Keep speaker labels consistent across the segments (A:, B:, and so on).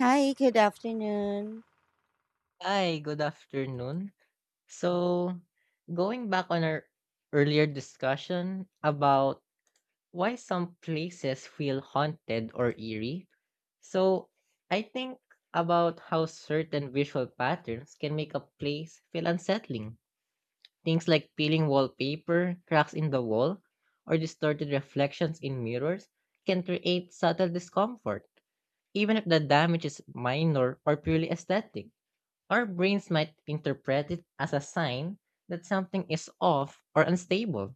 A: Hi, good afternoon.
B: Hi, good afternoon. So, Going back on our earlier discussion about why some places feel haunted or eerie, so I think about how certain visual patterns can make a place feel unsettling. Things like peeling wallpaper, cracks in the wall, or distorted reflections in mirrors can create subtle discomfort, even if the damage is minor or purely aesthetic. Our brains might interpret it as a sign that something is off or unstable.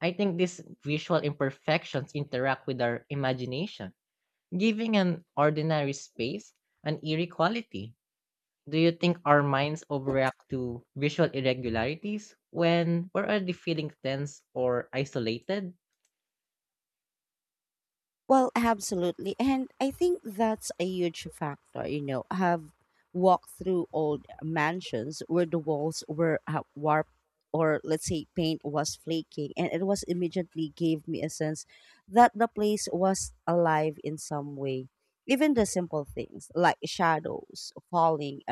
B: I think these visual imperfections interact with our imagination, giving an ordinary space an eerie quality. Do you think our minds overreact to visual irregularities when we're already feeling tense or isolated?
A: Well, absolutely. And I think that's a huge factor. You know, I've walked through old mansions where the walls were warped, or let's say paint was flaking, and it was immediately gave me a sense that the place was alive in some way. Even the simple things like shadows falling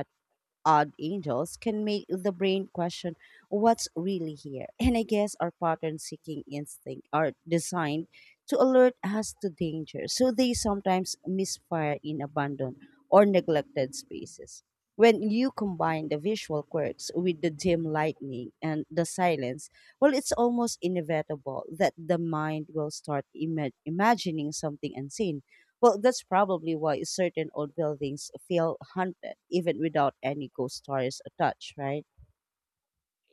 A: odd angels can make the brain question what's really here. And I guess our pattern seeking instinct are designed to alert us to danger, so they sometimes misfire in abandoned or neglected spaces. When you combine the visual quirks with the dim lightning and the silence, well, it's almost inevitable that the mind will start imagining something unseen. Well, that's probably why certain old buildings feel haunted, even without any ghost stories attached, right?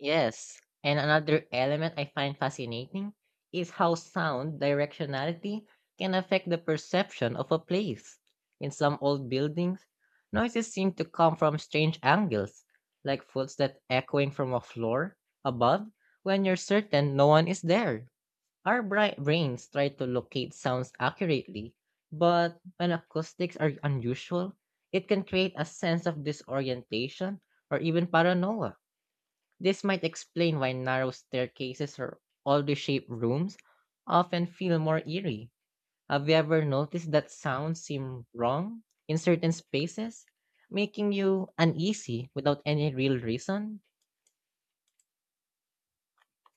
B: Yes, and another element I find fascinating is how sound directionality can affect the perception of a place. In some old buildings, noises seem to come from strange angles, like footsteps echoing from a floor above when you're certain no one is there. Our brains try to locate sounds accurately, but when acoustics are unusual, it can create a sense of disorientation or even paranoia. This might explain why narrow staircases or oddly shaped rooms often feel more eerie. Have you ever noticed that sounds seem wrong in certain spaces, making you uneasy without any real reason?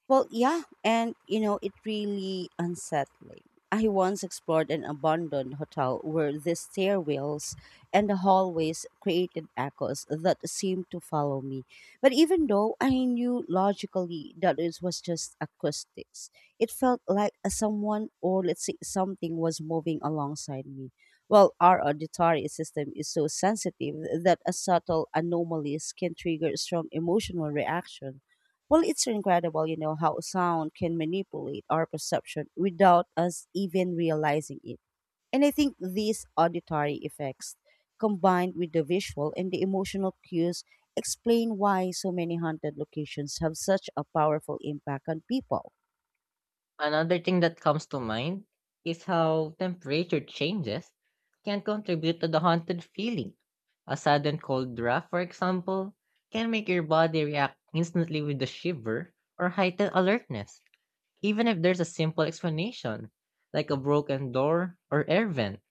A: Well, yeah, and you know, it really unsettling. I once explored an abandoned hotel where the stairwells and the hallways created echoes that seemed to follow me. But even though I knew logically that it was just acoustics, it felt like a someone, or let's say something, was moving alongside me. Well, our auditory system is so sensitive that a subtle anomalies can trigger strong emotional reaction. Well, it's incredible, you know, how sound can manipulate our perception without us even realizing it. And I think these auditory effects, combined with the visual and the emotional cues, explain why so many haunted locations have such a powerful impact on people.
B: Another thing that comes to mind is how temperature changes can contribute to the haunted feeling. A sudden cold draft, for example, can make your body react instantly with a shiver or heightened alertness. Even if there's a simple explanation, like a broken door or air vent,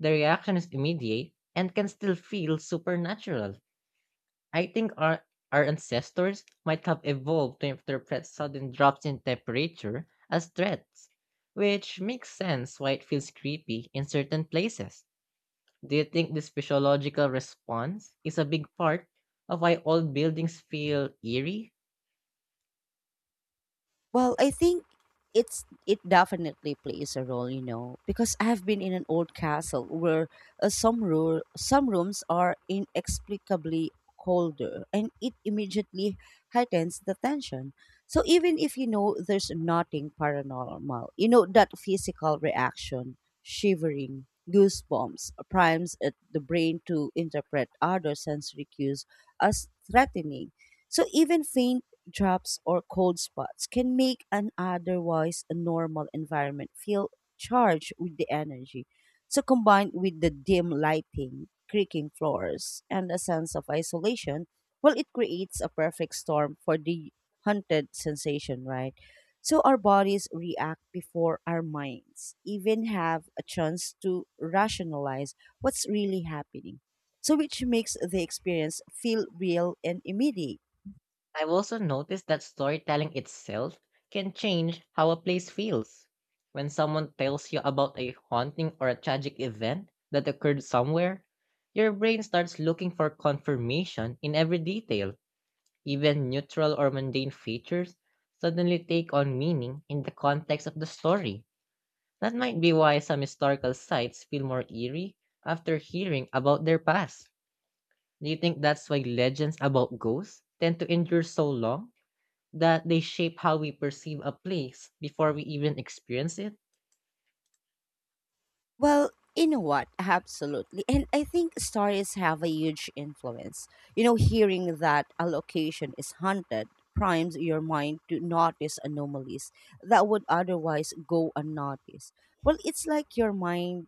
B: the reaction is immediate and can still feel supernatural. I think our ancestors might have evolved to interpret sudden drops in temperature as threats, which makes sense why it feels creepy in certain places. Do you think this physiological response is a big part of why old buildings feel eerie?
A: Well, I think it definitely plays a role, you know, because I've been in an old castle where some rooms are inexplicably colder, and it immediately heightens the tension. So even if you know there's nothing paranormal, you know that physical reaction, shivering, goosebumps, primes at the brain to interpret other sensory cues as threatening. So even faint drops, or cold spots can make an otherwise normal environment feel charged with the energy. So, combined with the dim lighting, creaking floors, and a sense of isolation, well, it creates a perfect storm for the hunted sensation, right? So, our bodies react before our minds even have a chance to rationalize what's really happening. So, which makes the experience feel real and immediate.
B: I've also noticed that storytelling itself can change how a place feels. When someone tells you about a haunting or a tragic event that occurred somewhere, your brain starts looking for confirmation in every detail. Even neutral or mundane features suddenly take on meaning in the context of the story. That might be why some historical sites feel more eerie after hearing about their past. Do you think that's why legends about ghosts tend to endure so long, that they shape how we perceive a place before we even experience it?
A: Well, you know what? Absolutely. And I think stories have a huge influence. You know, hearing that a location is haunted primes your mind to notice anomalies that would otherwise go unnoticed. Well, it's like your mind,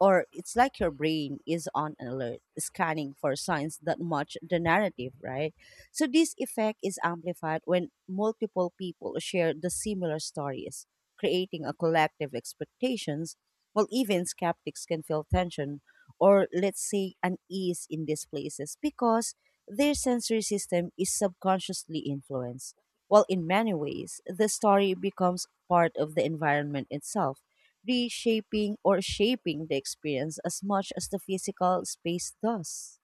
A: or it's like your brain is on alert, scanning for signs that match the narrative, right? So this effect is amplified when multiple people share the similar stories, creating a collective expectations. Well, even skeptics can feel tension or, let's say, unease in these places because their sensory system is subconsciously influenced. Well, in many ways, the story becomes part of the environment itself, reshaping or shaping the experience as much as the physical space does.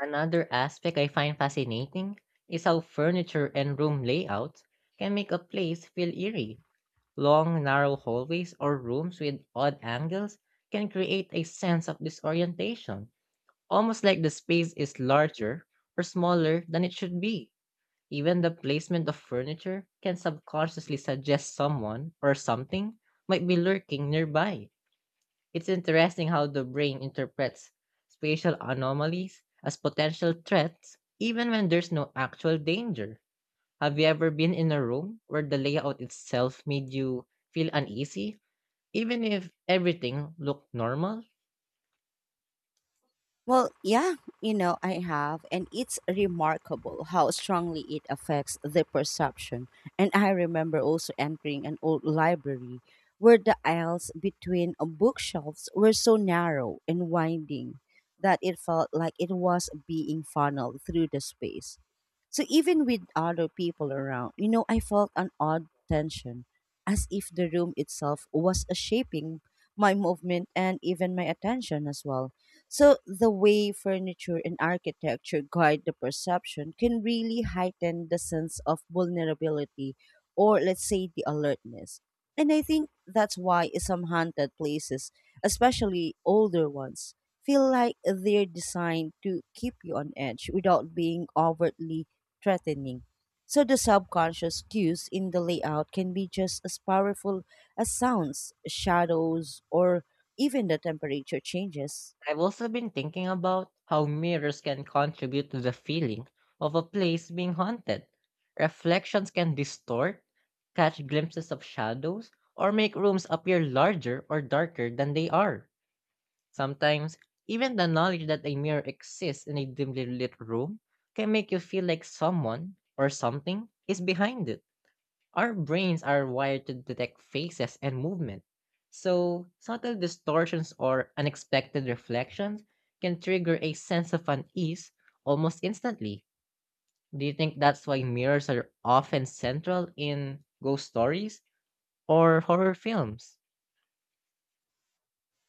B: Another aspect I find fascinating is how furniture and room layout can make a place feel eerie. Long, narrow hallways or rooms with odd angles can create a sense of disorientation, almost like the space is larger or smaller than it should be. Even the placement of furniture can subconsciously suggest someone or something might be lurking nearby. It's interesting how the brain interprets spatial anomalies as potential threats, even when there's no actual danger. Have you ever been in a room where the layout itself made you feel uneasy, even if everything looked normal?
A: Well, yeah, you know, I have, and it's remarkable how strongly it affects the perception. And I remember also entering an old library where the aisles between bookshelves were so narrow and winding that it felt like it was being funneled through the space. So even with other people around, you know, I felt an odd tension, as if the room itself was shaping my movement and even my attention as well. So the way furniture and architecture guide the perception can really heighten the sense of vulnerability, or let's say the alertness. And I think that's why some haunted places, especially older ones, feel like they're designed to keep you on edge without being overtly threatening. So the subconscious cues in the layout can be just as powerful as sounds, shadows, or even the temperature changes.
B: I've also been thinking about how mirrors can contribute to the feeling of a place being haunted. Reflections can distort, catch glimpses of shadows, or make rooms appear larger or darker than they are. Sometimes, even the knowledge that a mirror exists in a dimly lit room can make you feel like someone or something is behind it. Our brains are wired to detect faces and movement, so subtle distortions or unexpected reflections can trigger a sense of unease almost instantly. Do you think that's why mirrors are often central in ghost stories or horror films?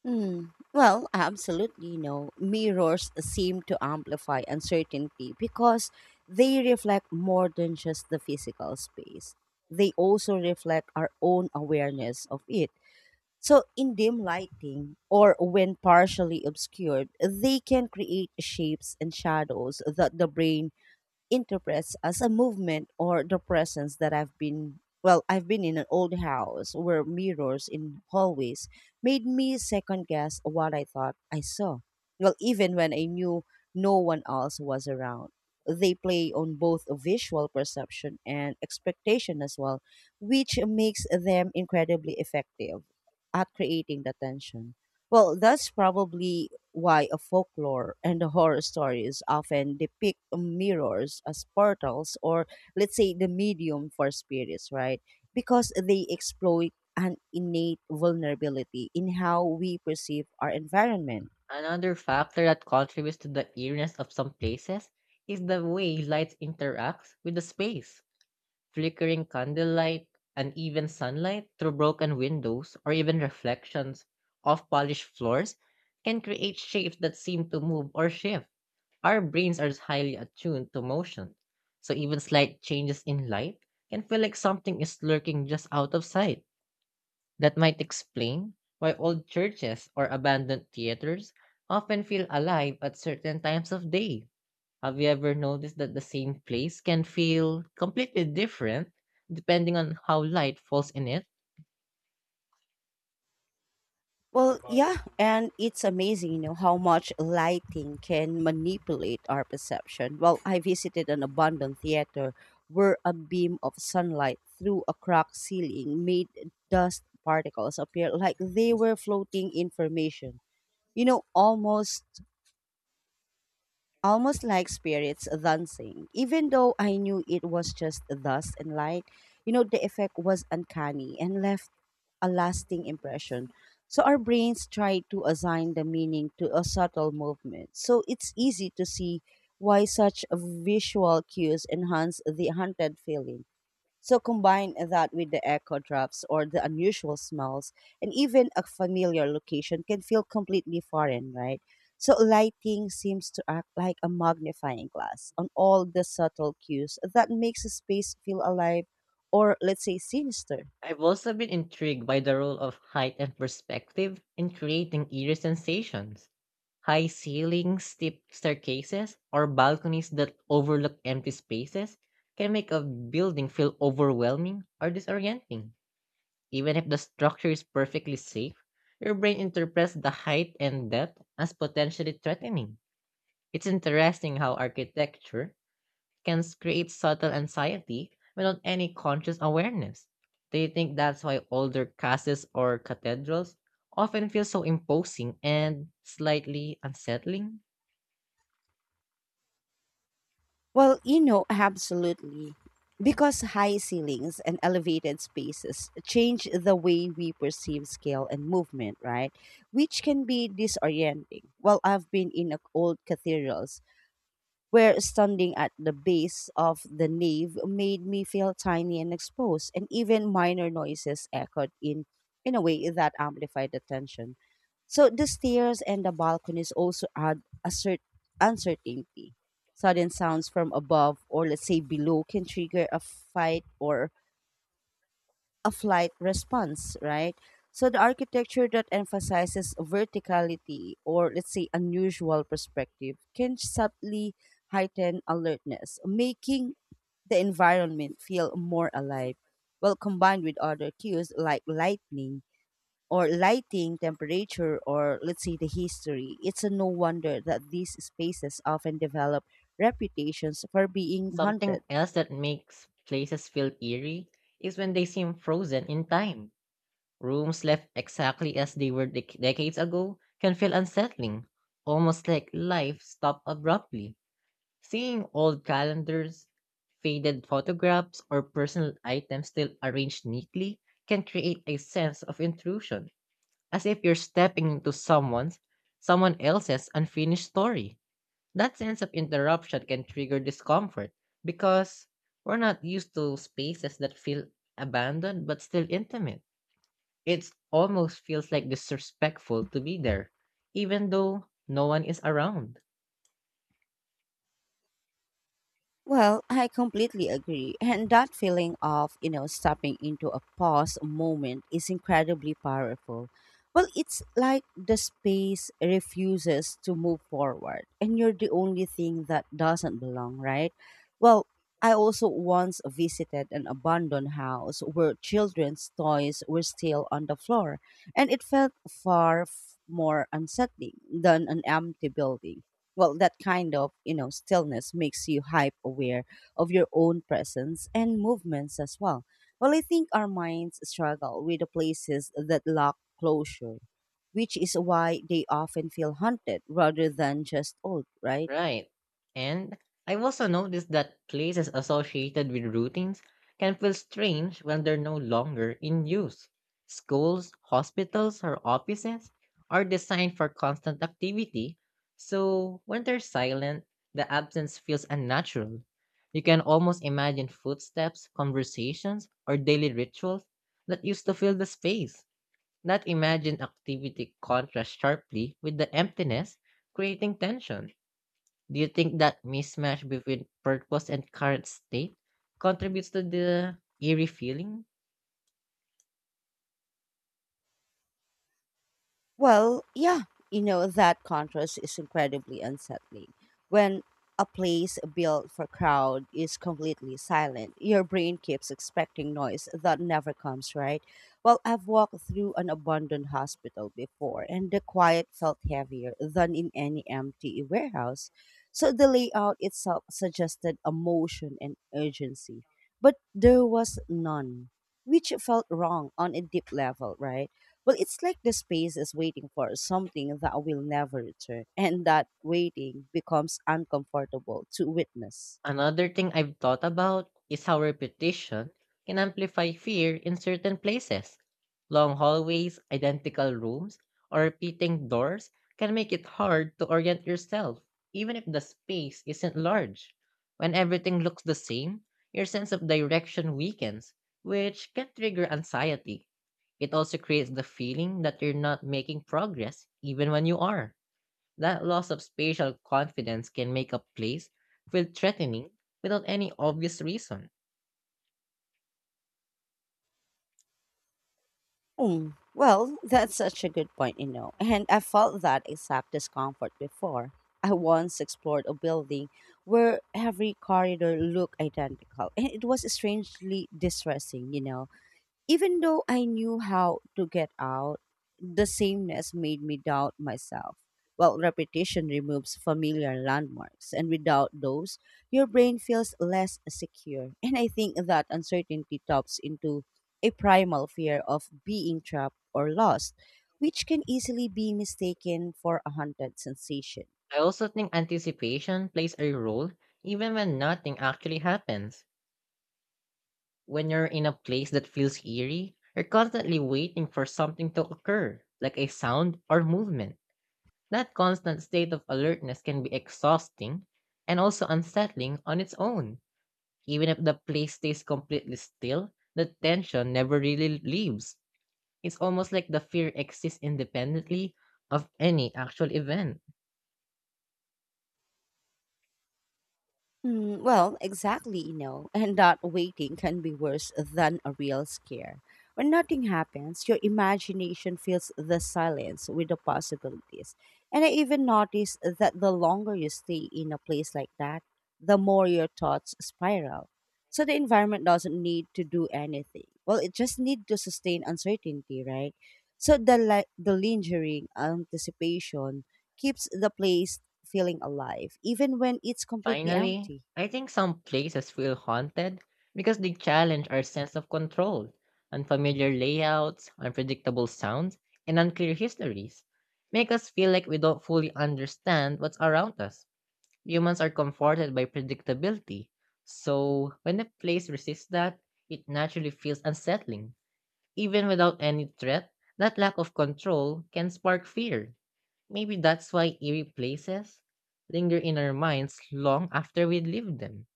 A: Mm, well, absolutely no. Mirrors seem to amplify uncertainty because they reflect more than just the physical space. They also reflect our own awareness of it. So, in dim lighting or when partially obscured, they can create shapes and shadows that the brain interprets as a movement or the presence. That I've been, well, I've been in an old house where mirrors in hallways made me second guess what I thought I saw. Well, even when I knew no one else was around. They play on both visual perception and expectation as well, which makes them incredibly effective at creating the tension. Well, that's probably why a folklore and a horror stories often depict mirrors as portals, or let's say the medium for spirits, right? Because they exploit an innate vulnerability in how we perceive our environment.
B: Another factor that contributes to the eeriness of some places is the way light interacts with the space. Flickering candlelight, uneven sunlight through broken windows, or even reflections off polished floors can create shapes that seem to move or shift. Our brains are highly attuned to motion, so even slight changes in light can feel like something is lurking just out of sight. That might explain why old churches or abandoned theaters often feel alive at certain times of day. Have you ever noticed that the same place can feel completely different depending on how light falls in it?
A: Well, yeah, and it's amazing, you know, how much lighting can manipulate our perception. Well, I visited an abandoned theater where a beam of sunlight through a cracked ceiling made dust particles appear like they were floating information. You know, almost like spirits dancing. Even though I knew it was just dust and light, you know, the effect was uncanny and left a lasting impression. So our brains try to assign the meaning to a subtle movement. So it's easy to see why such visual cues enhance the hunted feeling. So combine that with the echo drops or the unusual smells, and even a familiar location can feel completely foreign, right? So lighting seems to act like a magnifying glass on all the subtle cues that makes a space feel alive, or let's say sinister.
B: I've also been intrigued by the role of height and perspective in creating eerie sensations. High ceilings, steep staircases, or balconies that overlook empty spaces can make a building feel overwhelming or disorienting. Even if the structure is perfectly safe, your brain interprets the height and depth as potentially threatening. It's interesting how architecture can create subtle anxiety without any conscious awareness. Do you think that's why older castles or cathedrals often feel so imposing and slightly unsettling?
A: Well, you know, absolutely. Because high ceilings and elevated spaces change the way we perceive scale and movement, right? Which can be disorienting. Well, I've been in old cathedrals where standing at the base of the nave made me feel tiny and exposed, and even minor noises echoed in a way that amplified the tension. So the stairs and the balconies also add a uncertainty. Sudden sounds from above, or let's say below, can trigger a fight or a flight response, right? So the architecture that emphasizes verticality, or let's say unusual perspective, can subtly heighten alertness, making the environment feel more alive. Well, combined with other cues like lightning, or lighting, temperature, or let's say the history, it's a no wonder that these spaces often develop reputations for being
B: Something
A: haunted.
B: else that makes places feel eerie is when they seem frozen in time. Rooms left exactly as they were decades ago can feel unsettling, almost like life stopped abruptly. Seeing old calendars, faded photographs, or personal items still arranged neatly can create a sense of intrusion, as if you're stepping into someone else's unfinished story. That sense of interruption can trigger discomfort because we're not used to spaces that feel abandoned but still intimate. It almost feels like disrespectful to be there, even though no one is around.
A: Well, I completely agree. And that feeling of, you know, stepping into a pause moment is incredibly powerful. Well, it's like the space refuses to move forward and you're the only thing that doesn't belong, right? Well, I also once visited an abandoned house where children's toys were still on the floor, and it felt far more unsettling than an empty building. Well, that kind of, you know, stillness makes you hype aware of your own presence and movements as well. Well, I think our minds struggle with the places that lack closure, which is why they often feel haunted rather than just old, right?
B: Right. And I've also noticed that places associated with routines can feel strange when they're no longer in use. Schools, hospitals, or offices are designed for constant activity, so when they're silent, the absence feels unnatural. You can almost imagine footsteps, conversations, or daily rituals that used to fill the space. That imagined activity contrasts sharply with the emptiness, creating tension. Do you think that mismatch between purpose and current state contributes to the eerie feeling?
A: Well, yeah, you know, that contrast is incredibly unsettling. When a place built for crowd is completely silent, your brain keeps expecting noise that never comes, right? Well, I've walked through an abandoned hospital before, and the quiet felt heavier than in any empty warehouse. So the layout itself suggested emotion and urgency, but there was none, which felt wrong on a deep level, right? Well, it's like the space is waiting for something that will never return, and that waiting becomes uncomfortable to witness.
B: Another thing I've thought about is how repetition can amplify fear in certain places. Long hallways, identical rooms, or repeating doors can make it hard to orient yourself, even if the space isn't large. When everything looks the same, your sense of direction weakens, which can trigger anxiety. It also creates the feeling that you're not making progress even when you are. That loss of spatial confidence can make a place feel threatening without any obvious reason.
A: Hmm. Well, that's such a good point, you know, and I felt that exact discomfort before. I once explored a building where every corridor looked identical, and it was strangely distressing, you know. Even though I knew how to get out, the sameness made me doubt myself. While repetition removes familiar landmarks, and without those, your brain feels less secure. And I think that uncertainty taps into a primal fear of being trapped or lost, which can easily be mistaken for a haunted sensation.
B: I also think anticipation plays a role even when nothing actually happens. When you're in a place that feels eerie, you're constantly waiting for something to occur, like a sound or movement. That constant state of alertness can be exhausting and also unsettling on its own. Even if the place stays completely still, the tension never really leaves. It's almost like the fear exists independently of any actual event.
A: Mm, well, exactly, you know, and that waiting can be worse than a real scare. When nothing happens, your imagination fills the silence with the possibilities. And I even noticed that the longer you stay in a place like that, the more your thoughts spiral. So the environment doesn't need to do anything. Well, it just needs to sustain uncertainty, right? So the lingering anticipation keeps the place feeling alive, even when it's completely
B: Finally,
A: empty.
B: I think some places feel haunted because they challenge our sense of control, unfamiliar layouts, unpredictable sounds, and unclear histories. Make us feel like we don't fully understand what's around us. Humans are comforted by predictability. So, when a place resists that, it naturally feels unsettling. Even without any threat, that lack of control can spark fear. Maybe that's why eerie places linger in our minds long after we leave them.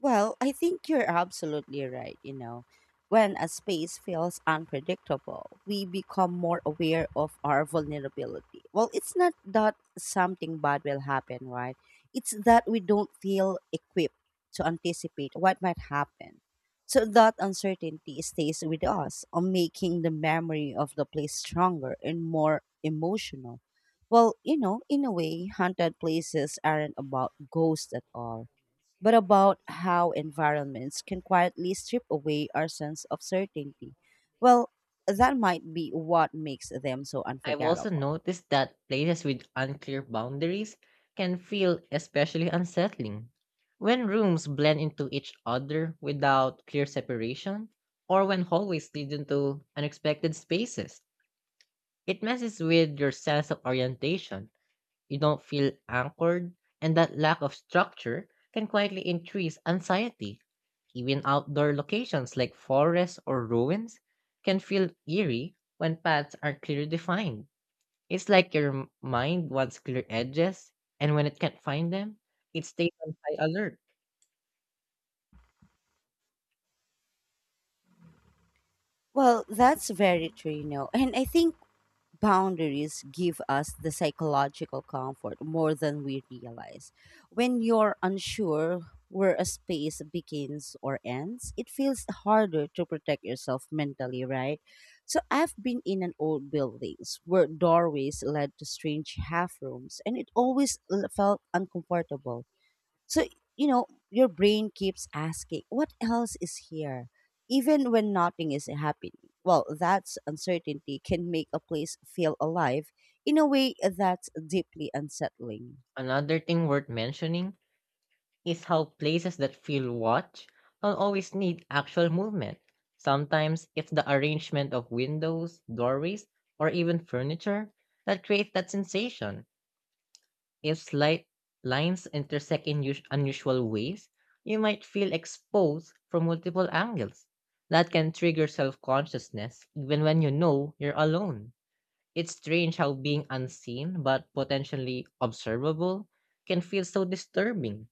A: Well, I think you're absolutely right. You know, when a space feels unpredictable, we become more aware of our vulnerability. Well, it's not that something bad will happen, right? It's that we don't feel equipped to anticipate what might happen. So that uncertainty stays with us, making the memory of the place stronger and more emotional. Well, you know, in a way, haunted places aren't about ghosts at all, but about how environments can quietly strip away our sense of certainty. Well, that might be what makes them so
B: I've also
A: unforgettable.
B: noticed that places with unclear boundaries can feel especially unsettling. When rooms blend into each other without clear separation, or when hallways lead into unexpected spaces, it messes with your sense of orientation. You don't feel anchored, and that lack of structure can quietly increase anxiety. Even outdoor locations like forests or ruins can feel eerie when paths are clearly defined. It's like your mind wants clear edges, and when it can't find them, it stays on high alert.
A: Well, that's very true, you know. And I think boundaries give us the psychological comfort more than we realize. When you're unsure where a space begins or ends, it feels harder to protect yourself mentally, right? So I've been in an old buildings where doorways led to strange half rooms and it always felt uncomfortable. So, you know, your brain keeps asking, what else is here? Even when nothing is happening. Well, that's uncertainty can make a place feel alive in a way that's deeply unsettling.
B: Another thing worth mentioning is how places that feel watched don't always need actual movement. Sometimes it's the arrangement of windows, doorways, or even furniture that creates that sensation. If light lines intersect in unusual ways, you might feel exposed from multiple angles. That can trigger self consciousness even when you know you're alone. It's strange how being unseen but potentially observable can feel so disturbing.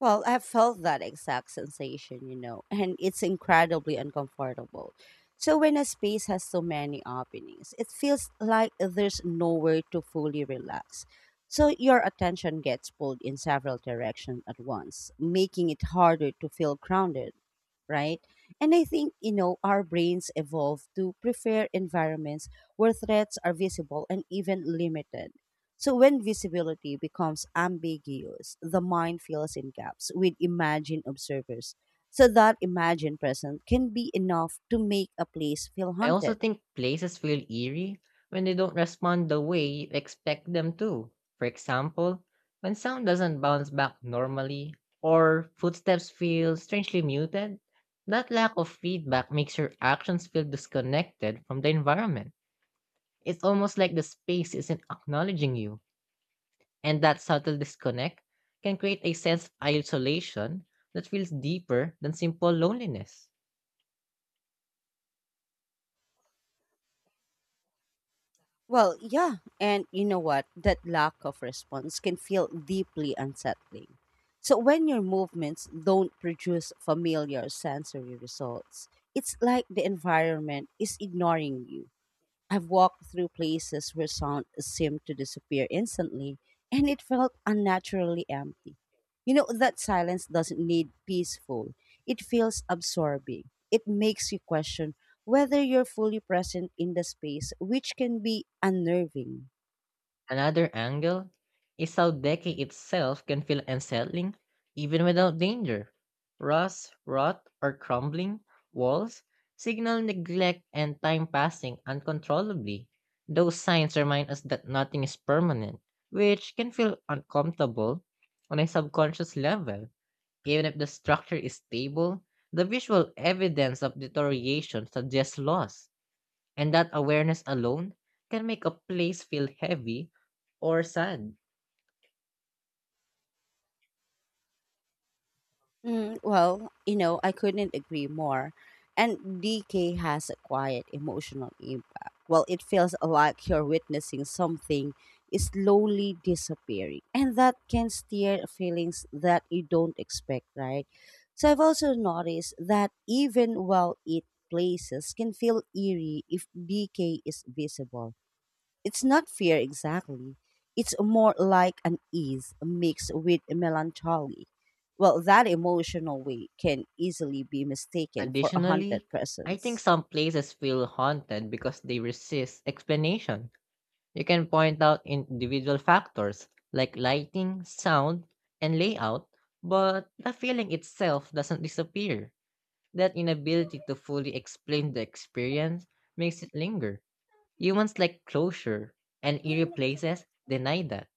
A: Well, I felt that exact sensation, you know, and it's incredibly uncomfortable. So, when a space has so many openings, it feels like there's nowhere to fully relax. So, your attention gets pulled in several directions at once, making it harder to feel grounded, right? And I think, you know, our brains evolve to prefer environments where threats are visible and even limited so when visibility becomes ambiguous, the mind fills in gaps with imagined observers. So that imagined presence can be enough to make a place feel
B: I also
A: haunted.
B: think places feel eerie when they don't respond the way you expect them to. For example, when sound doesn't bounce back normally or footsteps feel strangely muted, that lack of feedback makes your actions feel disconnected from the environment. It's almost like the space isn't acknowledging you, and that subtle disconnect can create a sense of isolation that feels deeper than simple loneliness.
A: Well, yeah, and you know what? That lack of response can feel deeply unsettling. So when your movements don't produce familiar sensory results, it's like the environment is ignoring you. I've walked through places where sound seemed to disappear instantly, and it felt unnaturally empty. You know, that silence doesn't need peaceful, it feels absorbing. It makes you question whether you're fully present in the space, which can be unnerving.
B: Another angle is how decay itself can feel unsettling even without danger. Rust, rot, or crumbling walls signal neglect and time passing uncontrollably. Those signs remind us that nothing is permanent, which can feel uncomfortable on a subconscious level. Even if the structure is stable, the visual evidence of deterioration suggests loss. And that awareness alone can make a place feel heavy or sad.
A: Mm, well, you know, I couldn't agree more. And DK has a quiet emotional impact. Well, it feels like you're witnessing something is slowly disappearing, and that can stir feelings that you don't expect, right? So, I've also noticed that even well it places can feel eerie if DK is visible, it's not fear exactly. It's more like an ease mixed with melancholy. Well, that emotional weight can easily be mistaken for a haunted
B: Additionally, I think
A: presence.
B: some places feel haunted because they resist explanation. You can point out individual factors like lighting, sound, and layout, but the feeling itself doesn't disappear. That inability to fully explain the experience makes it linger. Humans like closure, and eerie places deny that.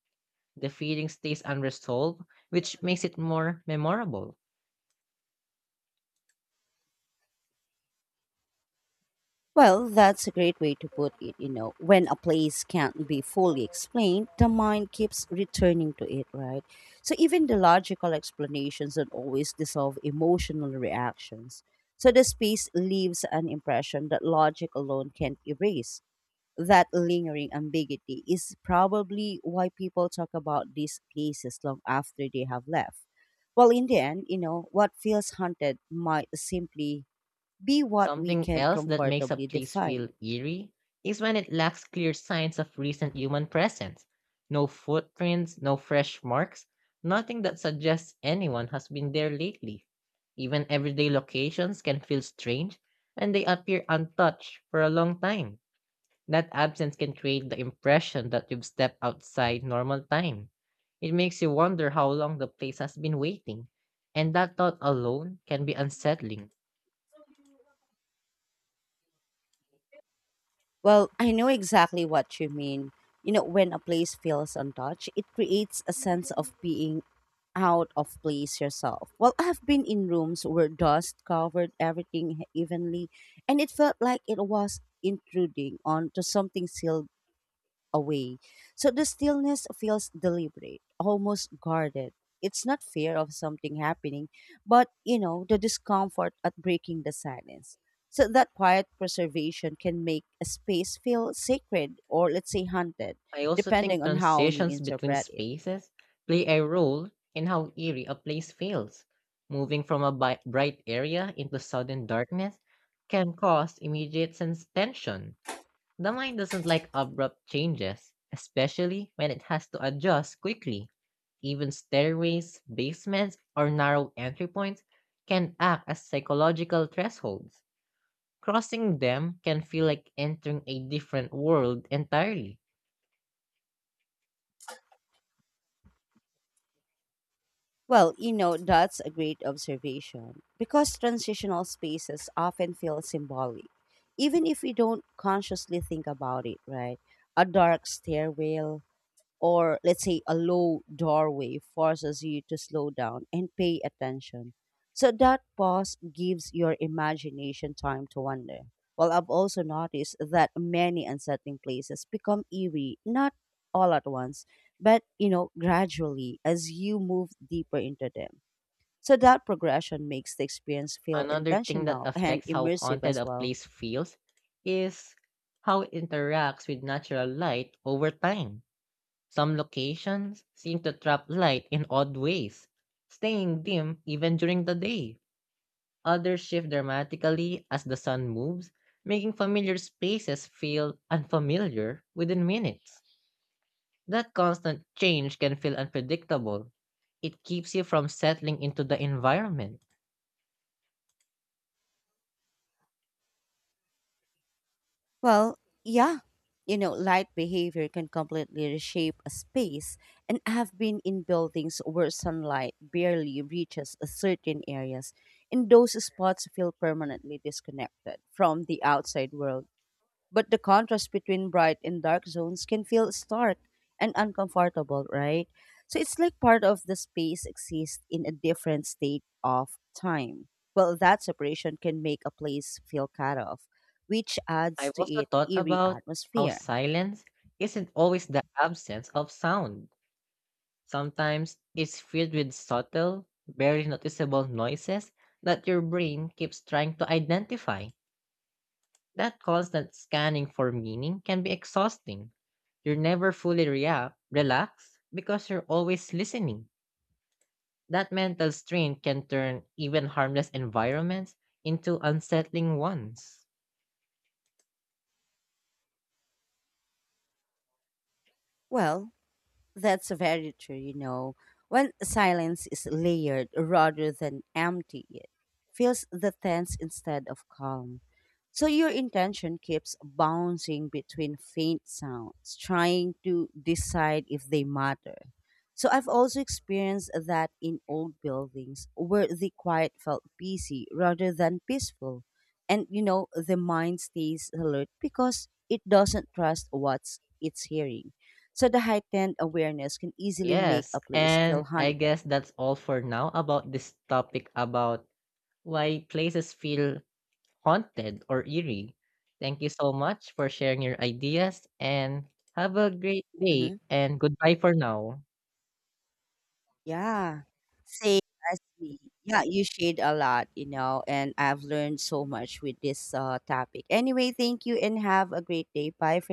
B: The feeling stays unresolved, which makes it more memorable.
A: Well, that's a great way to put it, you know. When a place can't be fully explained, the mind keeps returning to it, right? So even the logical explanations don't always dissolve emotional reactions. So the space leaves an impression that logic alone can't erase. That lingering ambiguity is probably why people talk about these places long after they have left. Well, in the end, you know, what feels haunted might simply be what we
B: Something
A: can't
B: else that makes a
A: comfortably
B: place
A: define.
B: feel eerie is when it lacks clear signs of recent human presence. No footprints, no fresh marks, nothing that suggests anyone has been there lately. Even everyday locations can feel strange and they appear untouched for a long time. That absence can create the impression that you've stepped outside normal time. It makes you wonder how long the place has been waiting, and that thought alone can be unsettling.
A: Well, I know exactly what you mean. You know, when a place feels untouched, it creates a sense of being out of place yourself. Well, I've been in rooms where dust covered everything evenly, and it felt like it was intruding onto something sealed away. So the stillness feels deliberate, almost guarded. It's not fear of something happening, but you know, the discomfort at breaking the silence. So that quiet preservation can make a space feel sacred or let's say haunted,
B: I also think
A: depending on how you
B: transitions between
A: interpret it.
B: spaces play a role in how eerie a place feels. Moving from a bright area into sudden darkness can cause immediate sense tension. The mind doesn't like abrupt changes, especially when it has to adjust quickly. Even stairways, basements, or narrow entry points can act as psychological thresholds. Crossing them can feel like entering a different world entirely.
A: Well, you know, that's a great observation because transitional spaces often feel symbolic, even if we don't consciously think about it, right? A dark stairwell, or let's say a low doorway forces you to slow down and pay attention. So that pause gives your imagination time to wander. Well, I've also noticed that many unsettling places become eerie, not all at once, but you know, gradually as you move deeper into them. So that progression makes the experience feel
B: Another thing that
A: intentional and
B: affects how
A: immersive
B: haunted
A: as
B: a
A: well.
B: place feels is how it interacts with natural light over time. Some locations seem to trap light in odd ways, staying dim even during the day. Others shift dramatically as the sun moves, making familiar spaces feel unfamiliar within minutes. That constant change can feel unpredictable. It keeps you from settling into the environment.
A: Well, yeah. You know, light behavior can completely reshape a space, and I've been in buildings where sunlight barely reaches a certain areas, and those spots feel permanently disconnected from the outside world but the contrast between bright and dark zones can feel stark and uncomfortable, right? So it's like part of the space exists in a different state of time. Well, that separation can make a place feel cut off, which adds
B: I've
A: to
B: also
A: its
B: thought
A: eerie
B: about how
A: atmosphere.
B: silence isn't always the absence of sound. Sometimes it's filled with subtle, barely noticeable noises that your brain keeps trying to identify. That constant scanning for meaning can be exhausting. You're never fully relaxed because you're always listening. That mental strain can turn even harmless environments into unsettling ones.
A: Well, that's very true, you know. When silence is layered rather than empty, it feels the tense instead of calm. So your intention keeps bouncing between faint sounds, trying to decide if they matter. So I've also experienced that in old buildings where the quiet felt busy rather than peaceful. And you know, the mind stays alert because it doesn't trust what it's hearing. So the heightened awareness can easily make
B: Yes,
A: a place
B: and
A: feel
B: I
A: haunted.
B: guess that's all for now about this topic about why places feel haunted or eerie. Thank you so much for sharing your ideas and have a great
A: Hmm.
B: day and goodbye for now.
A: Yeah, same as me. Yeah, you shared a lot, you know, and I've learned so much with this topic. Anyway, thank you and have a great day. Bye for